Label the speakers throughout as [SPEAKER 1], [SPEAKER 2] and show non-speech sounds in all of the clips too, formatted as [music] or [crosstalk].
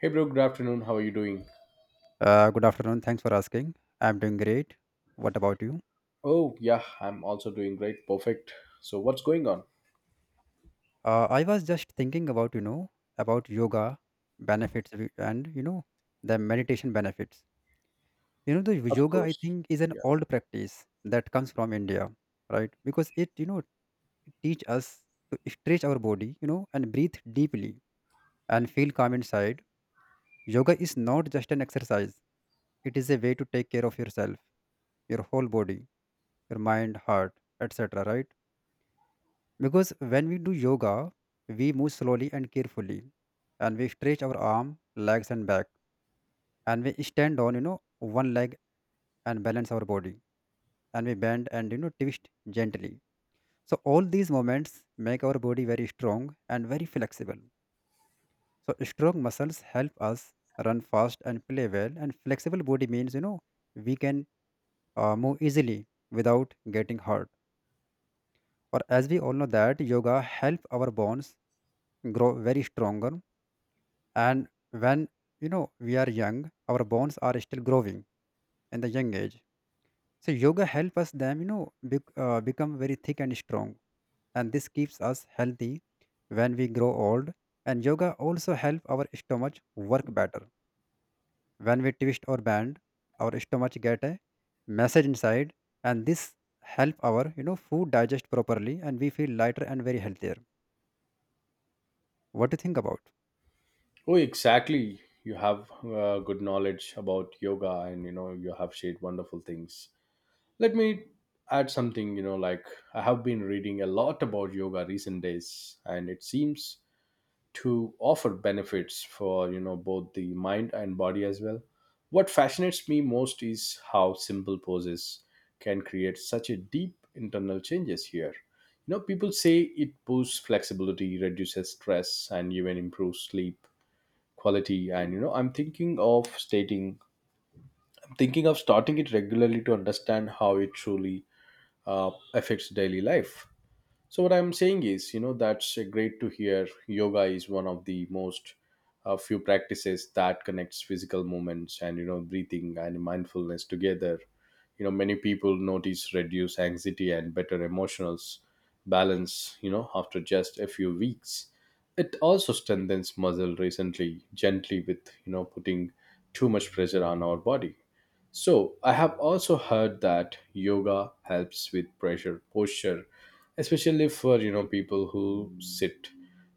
[SPEAKER 1] Hey bro, good afternoon. How are you doing?
[SPEAKER 2] Good afternoon. Thanks for asking. I'm doing great. What about you?
[SPEAKER 1] Oh, yeah, I'm also doing great. Perfect. So, what's going on?
[SPEAKER 2] I was just thinking about, about yoga, benefits of it, and, the meditation benefits. You know, the
[SPEAKER 1] Of
[SPEAKER 2] yoga, I
[SPEAKER 1] course.
[SPEAKER 2] think, is an
[SPEAKER 1] Yeah.
[SPEAKER 2] old practice that comes from India, right? Because it, it teach us to stretch our body, and breathe deeply and feel calm inside. Yoga is not just an exercise. It is a way to take care of yourself, your whole body, your mind, heart, etc., right? Because when we do yoga, we move slowly and carefully, and we stretch our arm, legs, and back, and we stand on one leg and balance our body, and we bend and twist gently. So all these movements make our body very strong and very flexible. So strong muscles help us run fast and play well, and flexible body means we can move easily without getting hurt. Or as we all know that yoga help our bones grow very stronger, and when we are young, our bones are still growing in the young age, so yoga helps us them become very thick and strong, and this keeps us healthy when we grow old. And yoga also help our stomach work better. When we twist or bend, our stomach get a message inside, and this help our food digest properly, and we feel lighter and very healthier. What do you think about?
[SPEAKER 1] Oh, exactly. You have good knowledge about yoga, and you know, you have shared wonderful things. Let me add something, you know, like I have been reading a lot about yoga recent days, and it seems to offer benefits for you know both the mind and body as well. What fascinates me most is how simple poses can create such a deep internal changes here. You know, people say it boosts flexibility, reduces stress, and even improves sleep quality. And you know I'm thinking of starting it regularly to understand how it truly affects daily life. So what I'm saying is, you know, that's great to hear. Yoga is one of the most few practices that connects physical movements and you know breathing and mindfulness together. You know, many people notice reduced anxiety and better emotional balance. You know, after just a few weeks, it also strengthens muscle recently, gently with you know putting too much pressure on our body. So, I have also heard that yoga helps with pressure posture, especially for you know people who sit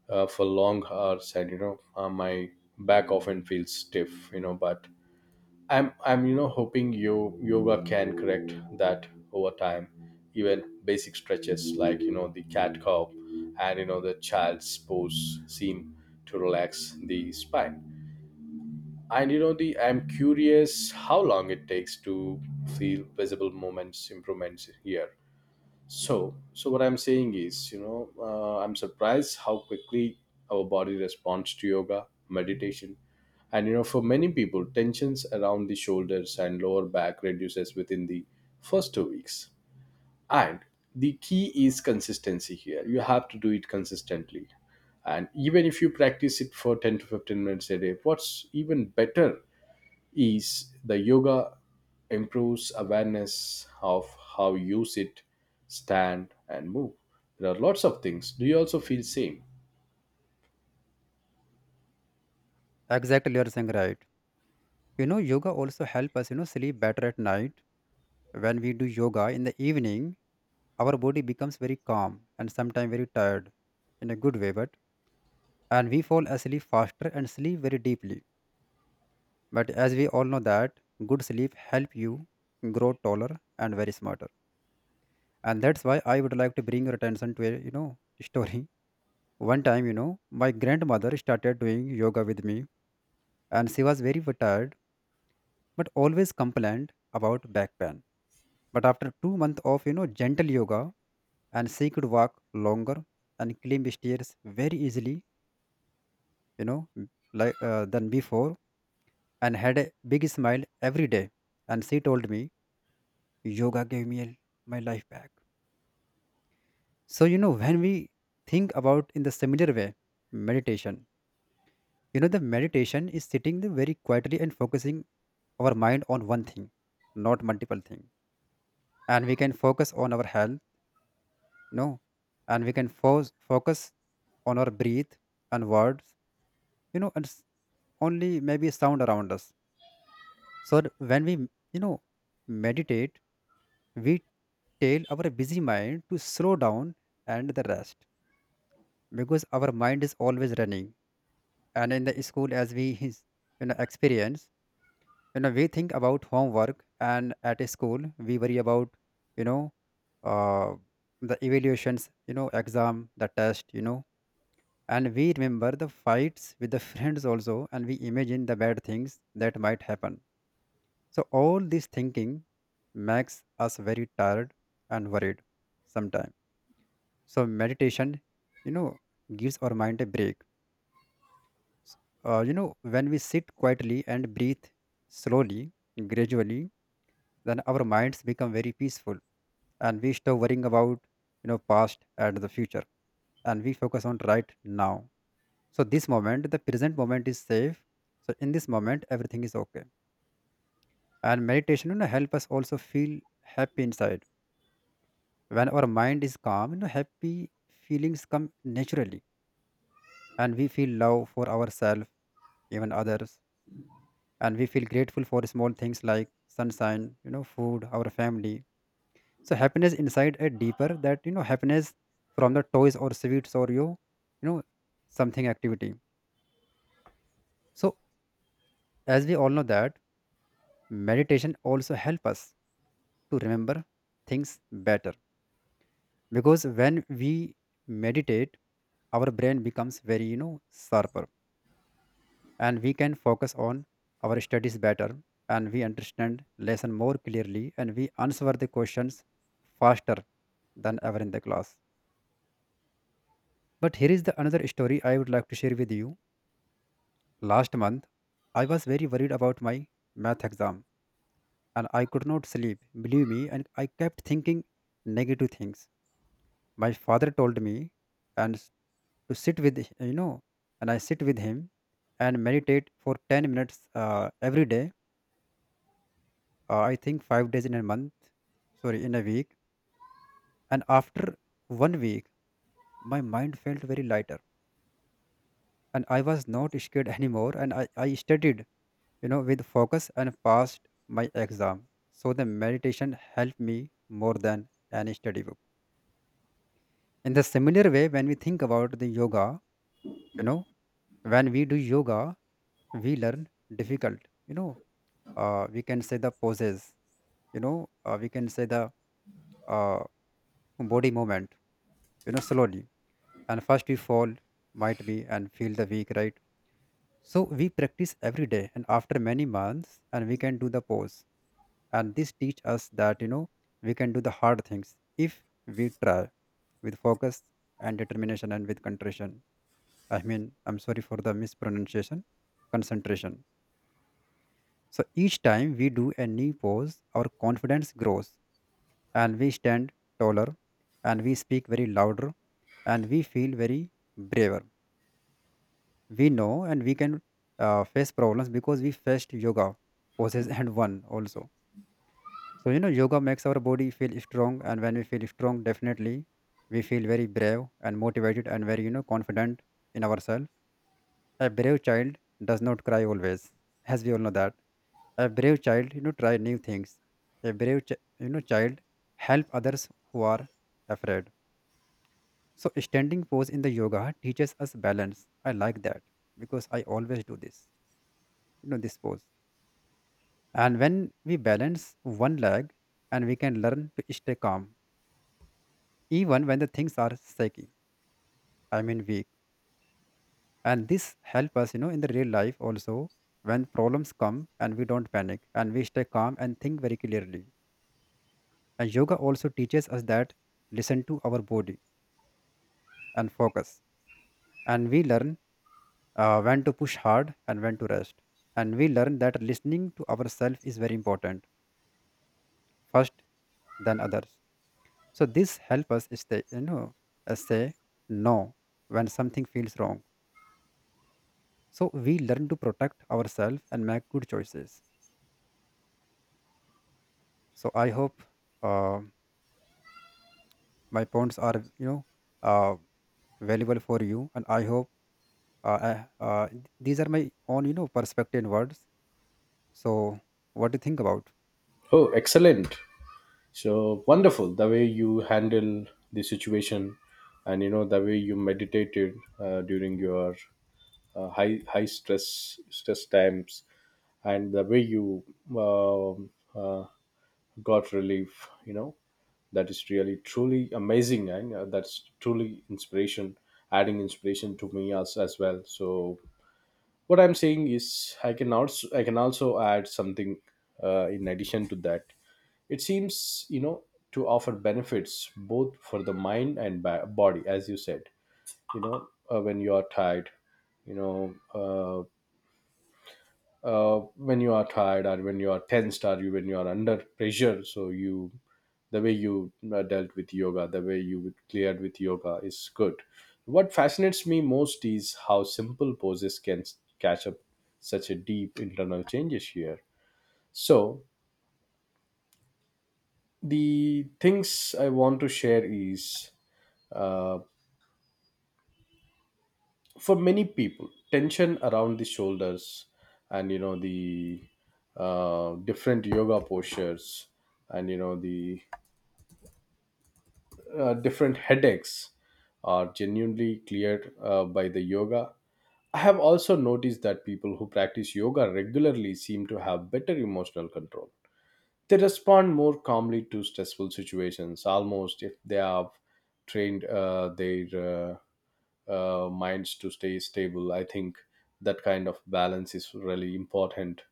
[SPEAKER 1] for long hours, and you know my back often feels stiff, you know. But I'm you know hoping you yoga can correct that over time. Even basic stretches like you know the cat cow and you know the child's pose seem to relax the spine. And you know, the I'm curious how long it takes to feel visible moments improvements here. So, what I'm saying is, you know, I'm surprised how quickly our body responds to yoga, meditation, and you know, for many people, tensions around the shoulders and lower back reduces within the first 2 weeks. And the key is consistency here. You have to do it consistently, and even if you practice it for 10 to 15 minutes a day, what's even better is the yoga improves awareness of how you sit, stand, and move. There are lots of things. Do you also feel same?
[SPEAKER 2] Exactly, you're saying right. You know, yoga also help us sleep better at night. When we do yoga in the evening, our body becomes very calm and sometimes very tired in a good way, but and we fall asleep faster and sleep very deeply. But as we all know that good sleep help you grow taller and very smarter. And that's why I would like to bring your attention to a [laughs] story. One time, you know, my grandmother started doing yoga with me, and she was very tired but always complained about back pain. But after 2 months of gentle yoga, and she could walk longer and climb stairs very easily, than before, and had a big smile every day. And she told me, yoga gave me my life back. So you know, when we think about in the similar way, meditation. You know, the meditation is sitting there very quietly and focusing our mind on one thing, not multiple thing, and we can focus on our health, you know, and we can focus on our breath and words, you know, and only maybe sound around us. So when we, you know, meditate, we tell our busy mind to slow down and the rest, because our mind is always running. And in the school, as we, [laughs] you know, experience, you know, we think about homework, and at a school, we worry about, you know, uh, the evaluations, you know, exam, the test, you know, and we remember the fights with the [laughs] friends also, and we imagine the bad things that might happen. So all this thinking makes us very tired and worried sometimes. So meditation, you know, gives our mind a break. S- you know, when we sit quietly and breathe slowly, gradually, then our minds become very peaceful, and we stop worrying about past and the future, and we focus on right now. So this moment, the present moment, is safe. So in this moment, everything is okay. And meditation, you know, help us also feel happy inside. When our mind is calm, you know, happy feelings come naturally, and we feel love for ourselves, even others, and we feel grateful for small things like sunshine, you know, food, our family. So happiness inside a deeper that happiness from the toys or sweets or you know, something activity. So as we all know that meditation also help us to remember things better, because when we meditate, our brain becomes very sharper, and we can focus on our studies better, and we understand lesson more clearly, and we answer the questions faster than ever in the class. But here is the another story I would like to share with you. Last month, I was very worried about my math exam, and I could not sleep, believe me, and I kept thinking negative things. My father told me and s- to sit with you know, and I sit with him and meditate for 10 minutes every day, I think 5 days in a month, sorry, in a week. And after 1 week, my mind felt very lighter, and I was not scared [laughs] anymore. And I studied, you know, with focus and passed my exam. So the meditation helped me more than any study book. In the similar way, when we think about the yoga, you know, when we do yoga, we learn difficult, you know, we can say the poses, you know, we can say the uh, body movement, you know, slowly, and first we fall might be and feel the weak, right? So we practice every day, and after many months, and we can do the pose. And this teach us that we can do the hard things if we try with focus and determination and with concentration. I mean, I'm sorry for the mispronunciation, concentration. So each time we do a knee pose, our confidence grows, and we stand taller, and we speak very louder, and we feel very braver, we know, and we can face problems because we faced yoga poses [laughs] and one also. So you know, yoga makes our body feel strong, and when we feel strong, definitely we feel very brave and motivated and very confident in ourselves. A brave child does not cry always. As we all know that, a brave child, you know, try new things. A brave you know, child help others who are afraid. So standing pose in the yoga teaches us balance. I like that, because I always do this, you know, this pose. And when we balance one leg, and we can learn to stay calm, even when the things are shaky, I mean weak. And this help us, you know, in the real life also, when problems come, and we don't panic, and we stay calm and think very clearly. And yoga also teaches us that listen to our body and focus. And we learn when to push hard and when to rest. And we learn that listening to ourselves is very important, first than others. So this help us stay, you know, say no when something feels wrong. So we learn to protect ourselves and make good choices. So I hope uh, my points are, uh, valuable for you, and I hope these are my own, you know, perspective and words. So what do you think about?
[SPEAKER 1] Oh, excellent. So wonderful the way you handle the situation, and you know the way you meditated during your high stress times and the way you um uh, got relief, you know, that is really truly amazing, and that's truly inspiration adding inspiration to me as well. So what I'm saying is I can also add something in addition to that. It seems you know to offer benefits both for the mind and body as you said. You know when you are tired, you know when you are tired or when you are tensed or you when you are under pressure. So you, the way you dealt with yoga, the way you cleared with yoga is good. What fascinates me most is how simple poses can catch up such a deep internal changes here. So, the things I want to share is uh, for many people, tension around the shoulders and you know the different yoga postures and you know the different headaches are genuinely cleared by the yoga. I have also noticed that people who practice yoga regularly seem to have better emotional control. They respond more calmly to stressful situations, almost if they have trained their minds to stay stable. I think that kind of balance is really important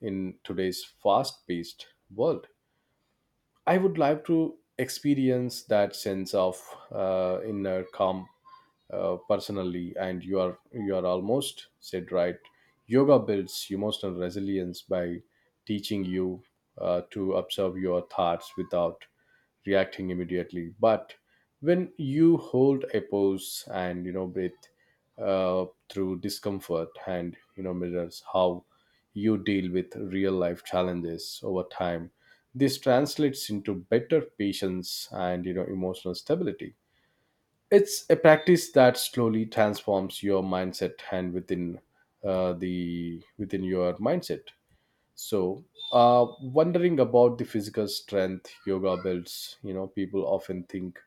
[SPEAKER 1] in today's fast paced world. I would like to experience that sense of inner calm personally, and you are almost said right. Yoga builds emotional resilience by teaching you to observe your thoughts without reacting immediately. But when you hold a pose and you know breathe through discomfort, and you know mirrors how you deal with real life challenges over time. This translates into better patience and you know emotional stability. It's a practice that slowly transforms your mindset, and within the within your mindset. So, wondering about the physical strength yoga builds, you know, people often think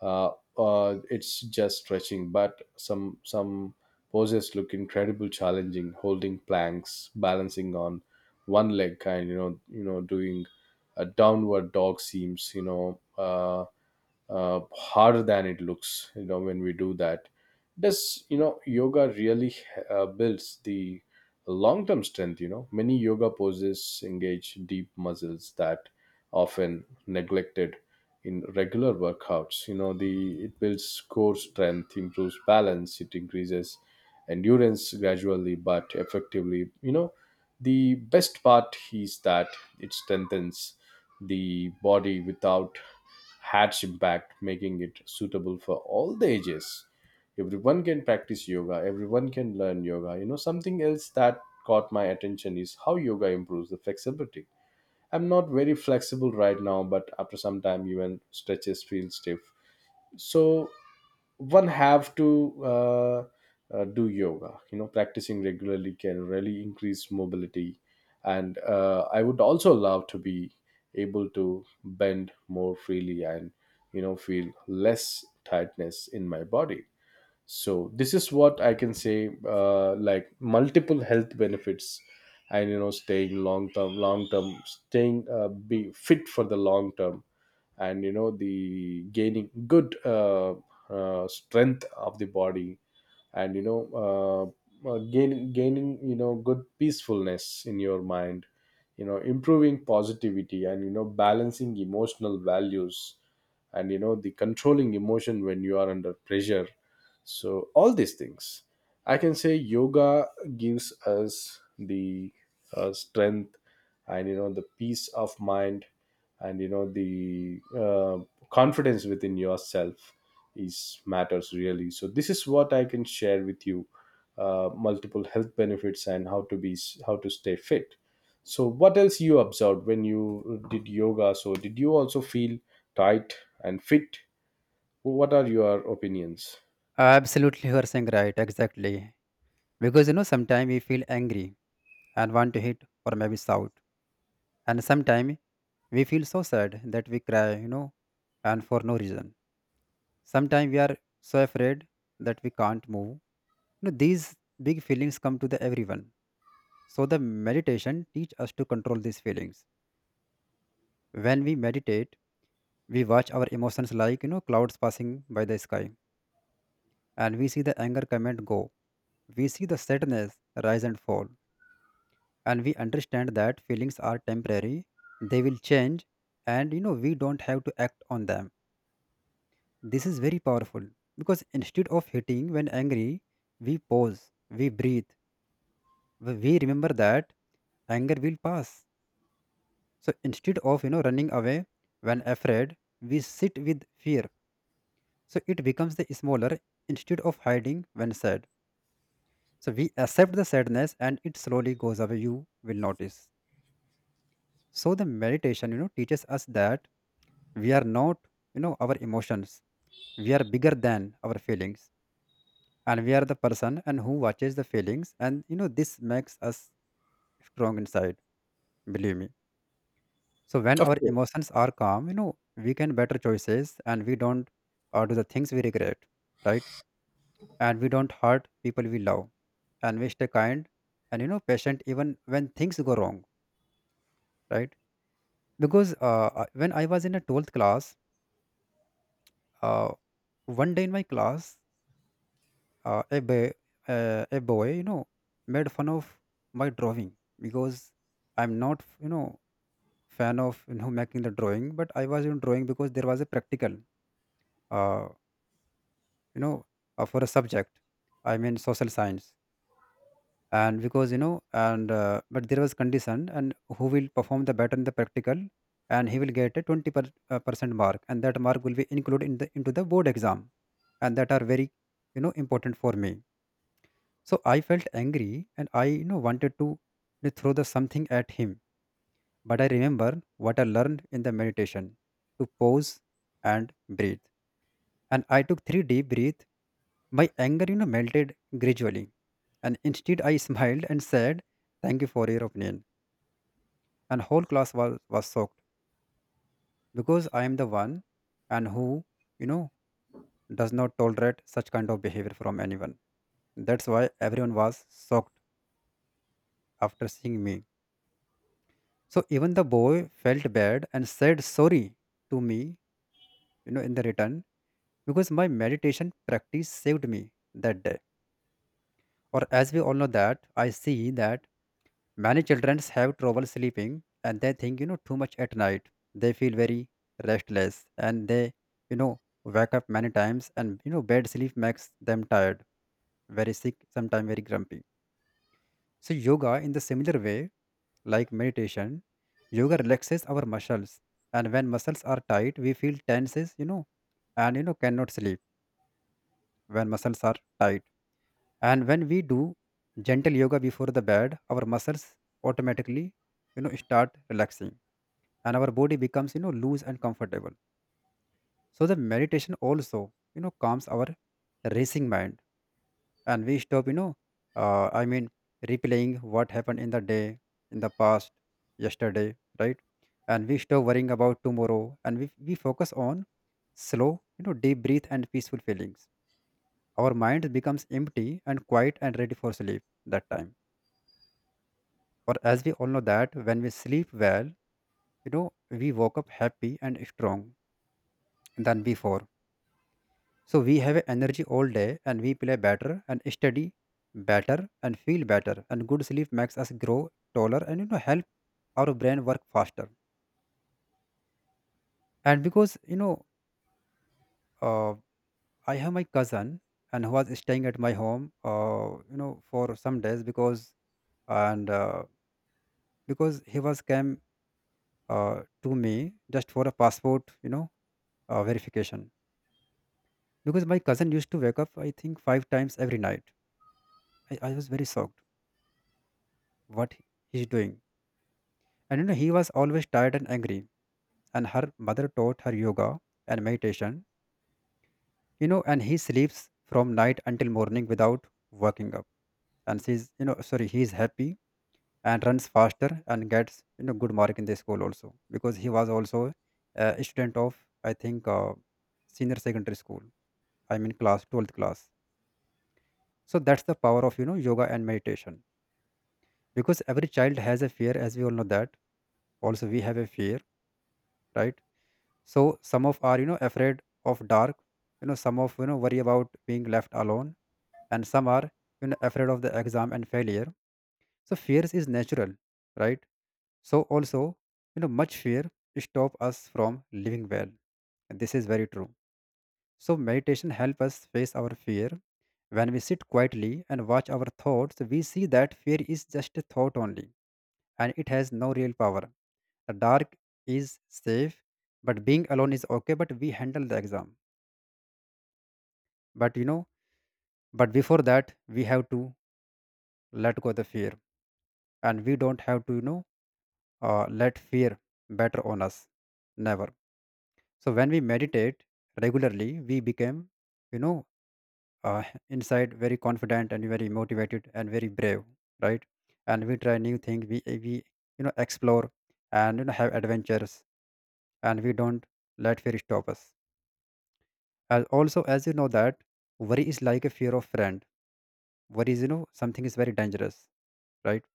[SPEAKER 1] uh, it's just stretching, but some poses look incredible challenging, holding planks, balancing on one leg, and you know, doing a downward dog seems, you know. Harder than it looks, you know, when we do that. Does you know yoga really builds the long term strength? You know, many yoga poses engage deep muscles that often neglected in regular workouts. You know, the it builds core strength, improves balance, it increases endurance gradually but effectively. You know, the best part is that it strengthens the body without hatched back, making it suitable for all the ages. Everyone can practice yoga, everyone can learn yoga. You know, something else that caught my attention is how yoga improves the flexibility. I'm not very flexible right now, but after some time, even stretches feel stiff. So one have to do yoga, you know, practicing regularly can really increase mobility, and I would also love to be able to bend more freely and you know feel less tightness in my body. So this is what I can say, like multiple health benefits, and you know staying long term staying be fit for the long term, and you know the gaining good strength of the body, and you know gaining you know good peacefulness in your mind, you know, improving positivity, and you know balancing emotional values, and you know the controlling emotion when you are under pressure. So all these things, I can say yoga gives us the strength, and you know the peace of mind, and you know the confidence within yourself is matters really. So this is what I can share with you, multiple health benefits and how to be how to stay fit. So what else you observed when you did yoga? So did you also feel tight and fit? What are your opinions?
[SPEAKER 2] Absolutely, you are saying right, exactly. Because you know, sometimes we feel angry and want to hit or maybe shout. And sometimes we feel so sad that we cry, you know, and for no reason. Sometimes we are so afraid that we can't move, you know. These big feelings come to the everyone. So the meditation teach us to control these feelings. When we meditate, we watch our emotions like, you know, clouds passing by the sky, and we see the anger come and go, we see the sadness rise and fall, and we understand that feelings are temporary, they will change, and you know, we don't have to act on them. This is very powerful, because instead of hitting when angry, we pause, we breathe, we remember that anger will pass. So instead of running away when afraid, we sit with fear. So it becomes the smaller, instead of hiding when sad. So we accept the sadness and it slowly goes away. You will notice. So the meditation, you know, teaches us that we are not, you know, our emotions. We are bigger than our feelings, and we are the person and who watches the feelings, and this makes us strong inside. Believe me. So when
[SPEAKER 1] Of
[SPEAKER 2] our
[SPEAKER 1] course.
[SPEAKER 2] emotions are calm, we can better choices, and we don't do the things we regret, right? And we don't hurt people we love, and we stay kind and patient even when things go wrong, right? Because when I was in a 12th class, uh, one day in my class, uh, a, ba- a boy, made fun of my drawing, because I'm not, fan of, making the drawing, but I was, drawing because there was a practical, uh, you know for a subject, I mean social science. And because you know and but there was condition and who will perform the better in the practical, and he will get a 20 per, percent mark, and that mark will be included in the into the board exam, and that are very, important for me. So I felt angry, and I wanted to throw the something at him. But I remember what I learned in the meditation, to pause and breathe. And I took three deep breaths. My anger, melted gradually. And instead, I [laughs] smiled and said, "Thank you for your opinion." And whole class was shocked, because I am the one and who, you know, does not tolerate such kind of behavior from anyone. That's why everyone was shocked after seeing me. So even the boy felt bad and said sorry to me, in the return, because my meditation practice saved me that day. Or as we all know that, I see that many children have trouble sleeping, and they think, too much at night. They feel very restless, and they, wake up many times, and bad sleep makes them tired, very sick, sometimes very grumpy. So yoga, in the similar way like meditation, yoga relaxes our muscles, and when muscles are tight, we feel tenses, and cannot sleep when muscles are tight. And when we do gentle yoga before the bed, our muscles automatically, start relaxing, and our body becomes, loose and comfortable. So the meditation also, calms our racing mind. And we stop uh, i mean replaying what happened in the day, in the past, yesterday, right? And we stop worrying about tomorrow, and we focus on slow, deep breath and peaceful feelings. Our mind becomes empty and quiet and ready for sleep that time. Or as we all know that, when we sleep well, we woke up happy and strong than before. So we have energy all day, and we play better and study better and feel better, and good sleep makes us grow taller and help our brain work faster. And because uh, I have my cousin and who was staying at my home, for some days, because and because he was came, to me just for a passport, verification, because my cousin used to wake up, I think, five times every night. I was very shocked, what he's doing. And he was always tired and angry. And her mother taught her yoga and meditation, and he sleeps from night until morning without waking up. And she's, sorry, he's happy and runs faster and gets, good mark in the school also, because he was also a student of, I think, senior secondary school. I mean, class 12th class. So that's the power of, yoga and meditation, because every child has a fear, as we all know that. Also, we have a fear, right? So some of are afraid of dark, some of worry about being left alone, and some are, afraid of the exam and failure. So fears is natural, right? So also, much fear stop us from living well, and this is very true. So meditation help us face our fear. When we sit quietly and watch our thoughts, we see that fear is just a thought only, and it has no real power. The dark is safe, but being alone is okay, but we handle the exam. But but before that, we have to let go the fear, and we don't have to, let fear batter on us. Never. So when we meditate regularly, we become, you know, uh, inside very confident and very motivated and very brave, right? And we try new things, we, explore, and, have adventures, and we don't let fear stop us. As also, as you know that, worry is like a fear of friend. Worry is, something is very dangerous, right?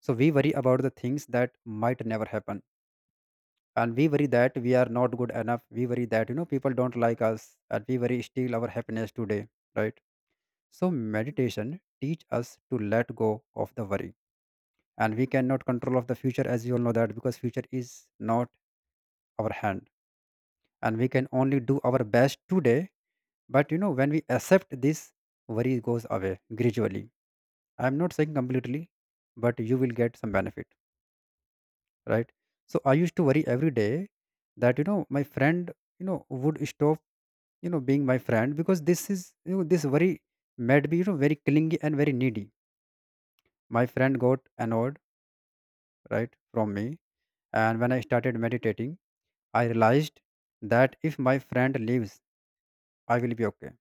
[SPEAKER 2] So we worry about the things that might never happen. And we worry that we are not good enough. We worry that, people don't like us, and we worry steal our happiness today, right? So meditation teach us to let go of the worry. And we cannot control of the future, as you all know that, because future is not our hand. And we can only do our best today. But when we accept this, worry goes away gradually. I'm not saying completely, but you will get some benefit, right? So I used to worry every day that my friend, would stop, being my friend, because this is this worry made me very clingy and very needy. My friend got annoyed, right, from me, and when I started meditating, I realized that if my friend leaves, I will be okay.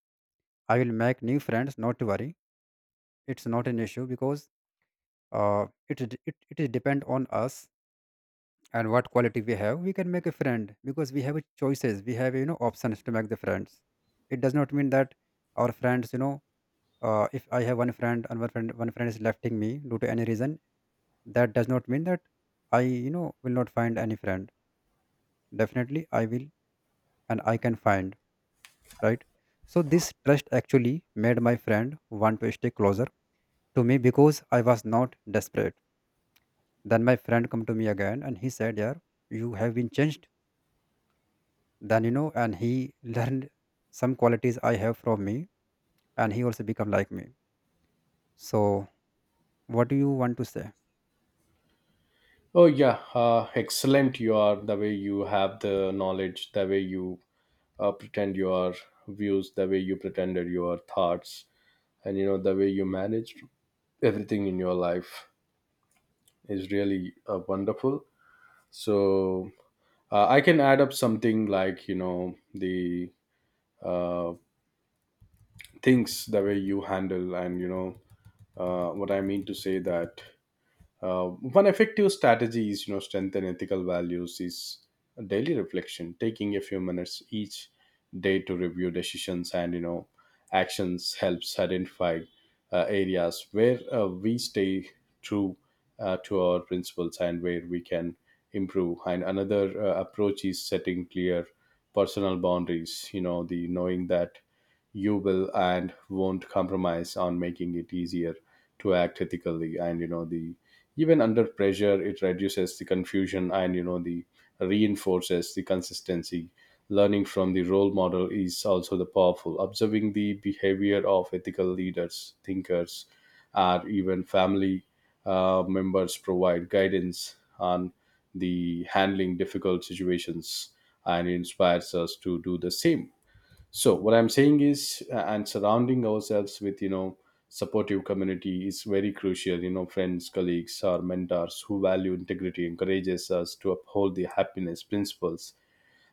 [SPEAKER 2] I will make new friends. Not to worry, it's not an issue, because it is depend on us and what quality we have. We can make a friend, because we have a choices, we have, options to make the friends. It does not mean that our friends, if I have one friend, and one friend is lefting me due to any reason, that does not mean that I, will not find any friend. Definitely I will, and I can find, right? So this trust actually made my friend want to stay closer to me, because I was not desperate. Then my friend come to me again, and he said, yeah, you have been changed. Then, and he learned some qualities I have from me, and he also become like me. So, what do you want to say?
[SPEAKER 1] Oh yeah, excellent you are. The way you have the knowledge, the way you pretend your views, the way you pretended your thoughts, and you know the way you manage everything in your life is really wonderful. So I can add up something like you know the uh, things the way you handle, and you know what I mean to say that one effective strategy is, you know, strengthen ethical values is daily reflection, taking a few minutes each day to review decisions and, you know, actions helps identify areas where we stay true to our principles and where we can improve. And another approach is setting clear personal boundaries, you know, the knowing that you will and won't compromise on, making it easier to act ethically, and you know the even under pressure it reduces the confusion, and you know the reinforces the consistency. Learning from the role model is also the powerful, observing the behavior of ethical leaders, thinkers, or even family members provide guidance on the handling difficult situations and inspires us to do the same. So what I'm saying is, and surrounding ourselves with you know supportive community is very crucial. You know, friends, colleagues, or mentors who value integrity encourages us to uphold the happiness principles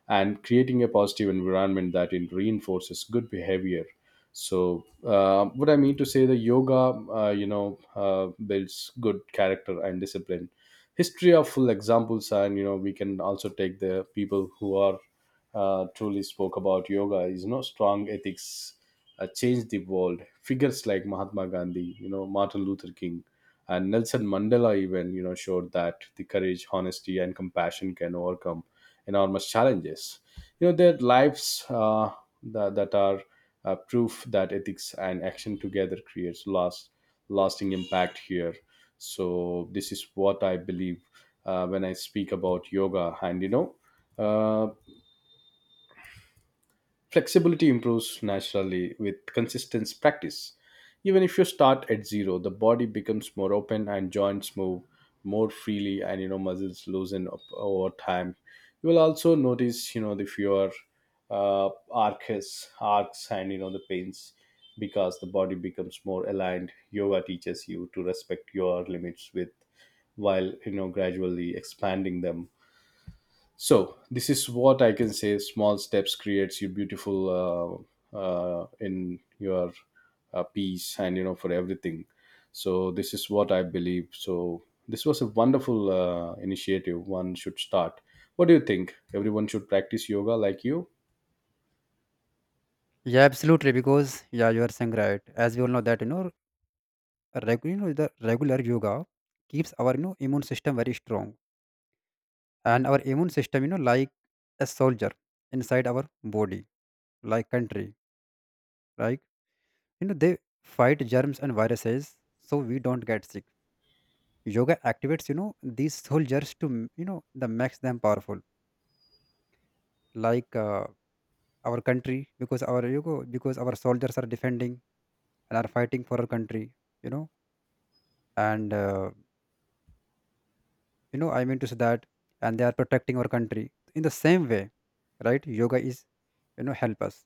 [SPEAKER 1] and creating a positive environment that it reinforces good behavior. So what I mean to say, the yoga, you know, builds good character and discipline. History of full examples, and you know, we can also take the people who are truly spoke about yoga is you know strong ethics changed the world. Figures like Mahatma Gandhi, you know, Martin Luther King, and Nelson Mandela, even you know showed that the courage, honesty, and compassion can overcome enormous challenges. You know, their lives that are proof that ethics and action together creates lasting impact here. So this is what I believe when I speak about yoga. And you know uh, flexibility improves naturally with consistent practice. Even if you start at zero, the body becomes more open and joints move more freely, and you know muscles loosen up over time. You will also notice you know the fewer arches, arcs, and you know the pains, because the body becomes more aligned. Yoga teaches you to respect your limits with while you know gradually expanding them. So this is what I can say, small steps creates you beautiful in your peace and you know for everything. So this is what I believe. So this was a wonderful initiative one should start. What do you think? Everyone should practice yoga like you.
[SPEAKER 2] Yeah, absolutely. Because yeah, you are saying right. As we all know that, regular, the regular yoga keeps our, immune system very strong, and our immune system, like a soldier inside our body, like country, like, they fight germs and viruses, so we don't get sick. Yoga activates, these soldiers to m- you know the makes them powerful. Like our country, because our, because our soldiers are defending and are fighting for our country, you know and you know I mean to say that, and they are protecting our country in the same way, right? Yoga is, help us,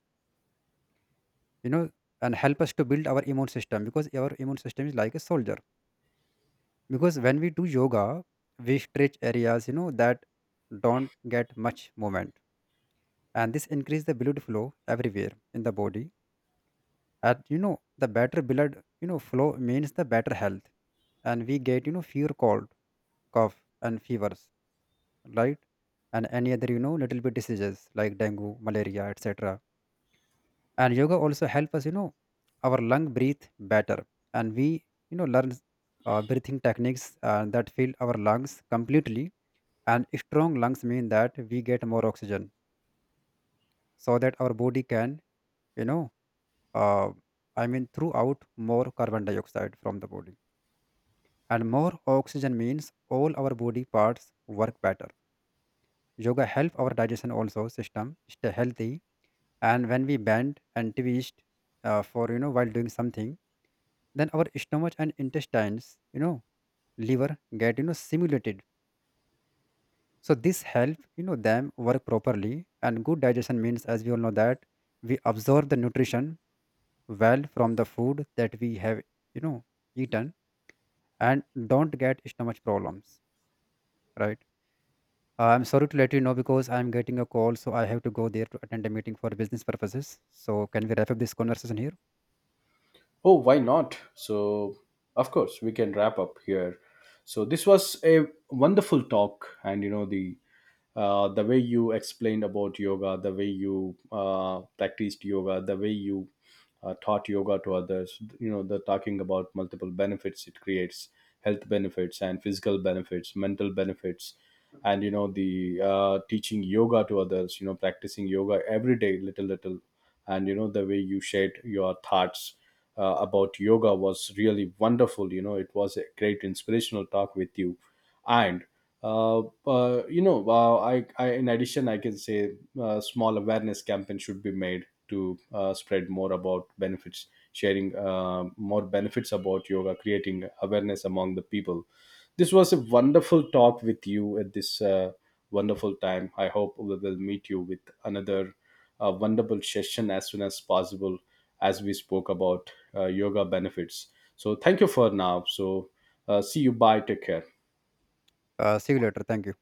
[SPEAKER 2] you know and help us to build our immune system, because our immune system is like a soldier. Because when we do yoga, we stretch areas, that don't get much movement, and this increase the blood flow everywhere in the body. And the better blood, flow means the better health, and we get, fewer cold, cough, and fevers, right? And any other, little bit diseases like dengue, malaria, etc. And yoga also help us, our lung breathe better. And we, learn breathing techniques that fill our lungs completely, and strong lungs mean that we get more oxygen, so that our body can, you know uh, throw out more carbon dioxide from the body. And more oxygen means all our body parts work better. Yoga help our digestion also system stay healthy. And when we bend and twist, for, while doing something, then our stomach and intestines, liver get, simulated. So this help, them work properly. And good digestion means, as we all know that, we absorb the nutrition well from the food that we have, you know eaten, and don't get stomach problems, right? I'm sorry to let you know, because I'm getting a call, so I have to go there to attend a meeting for business purposes. So, can we wrap up this conversation here?
[SPEAKER 1] Oh, why not? So of course we can wrap up here. So this was a wonderful talk, and you know the way you explained about yoga, the way you practiced yoga, the way you taught yoga to others, you know, the talking about multiple benefits it creates, health benefits and physical benefits, mental benefits, and you know the teaching yoga to others, you know, practicing yoga every day, little little, and you know the way you shared your thoughts about yoga was really wonderful. You know, it was a great inspirational talk with you. And, uh, you know, in addition, I can say small awareness campaign should be made to spread more about benefits, sharing more benefits about yoga, creating awareness among the people. This was a wonderful talk with you at this wonderful time. I hope we will meet you with another wonderful session as soon as possible as we spoke about yoga benefits. So, thank you for now. So, see you. Bye. Take care.
[SPEAKER 2] See you later. Thank you.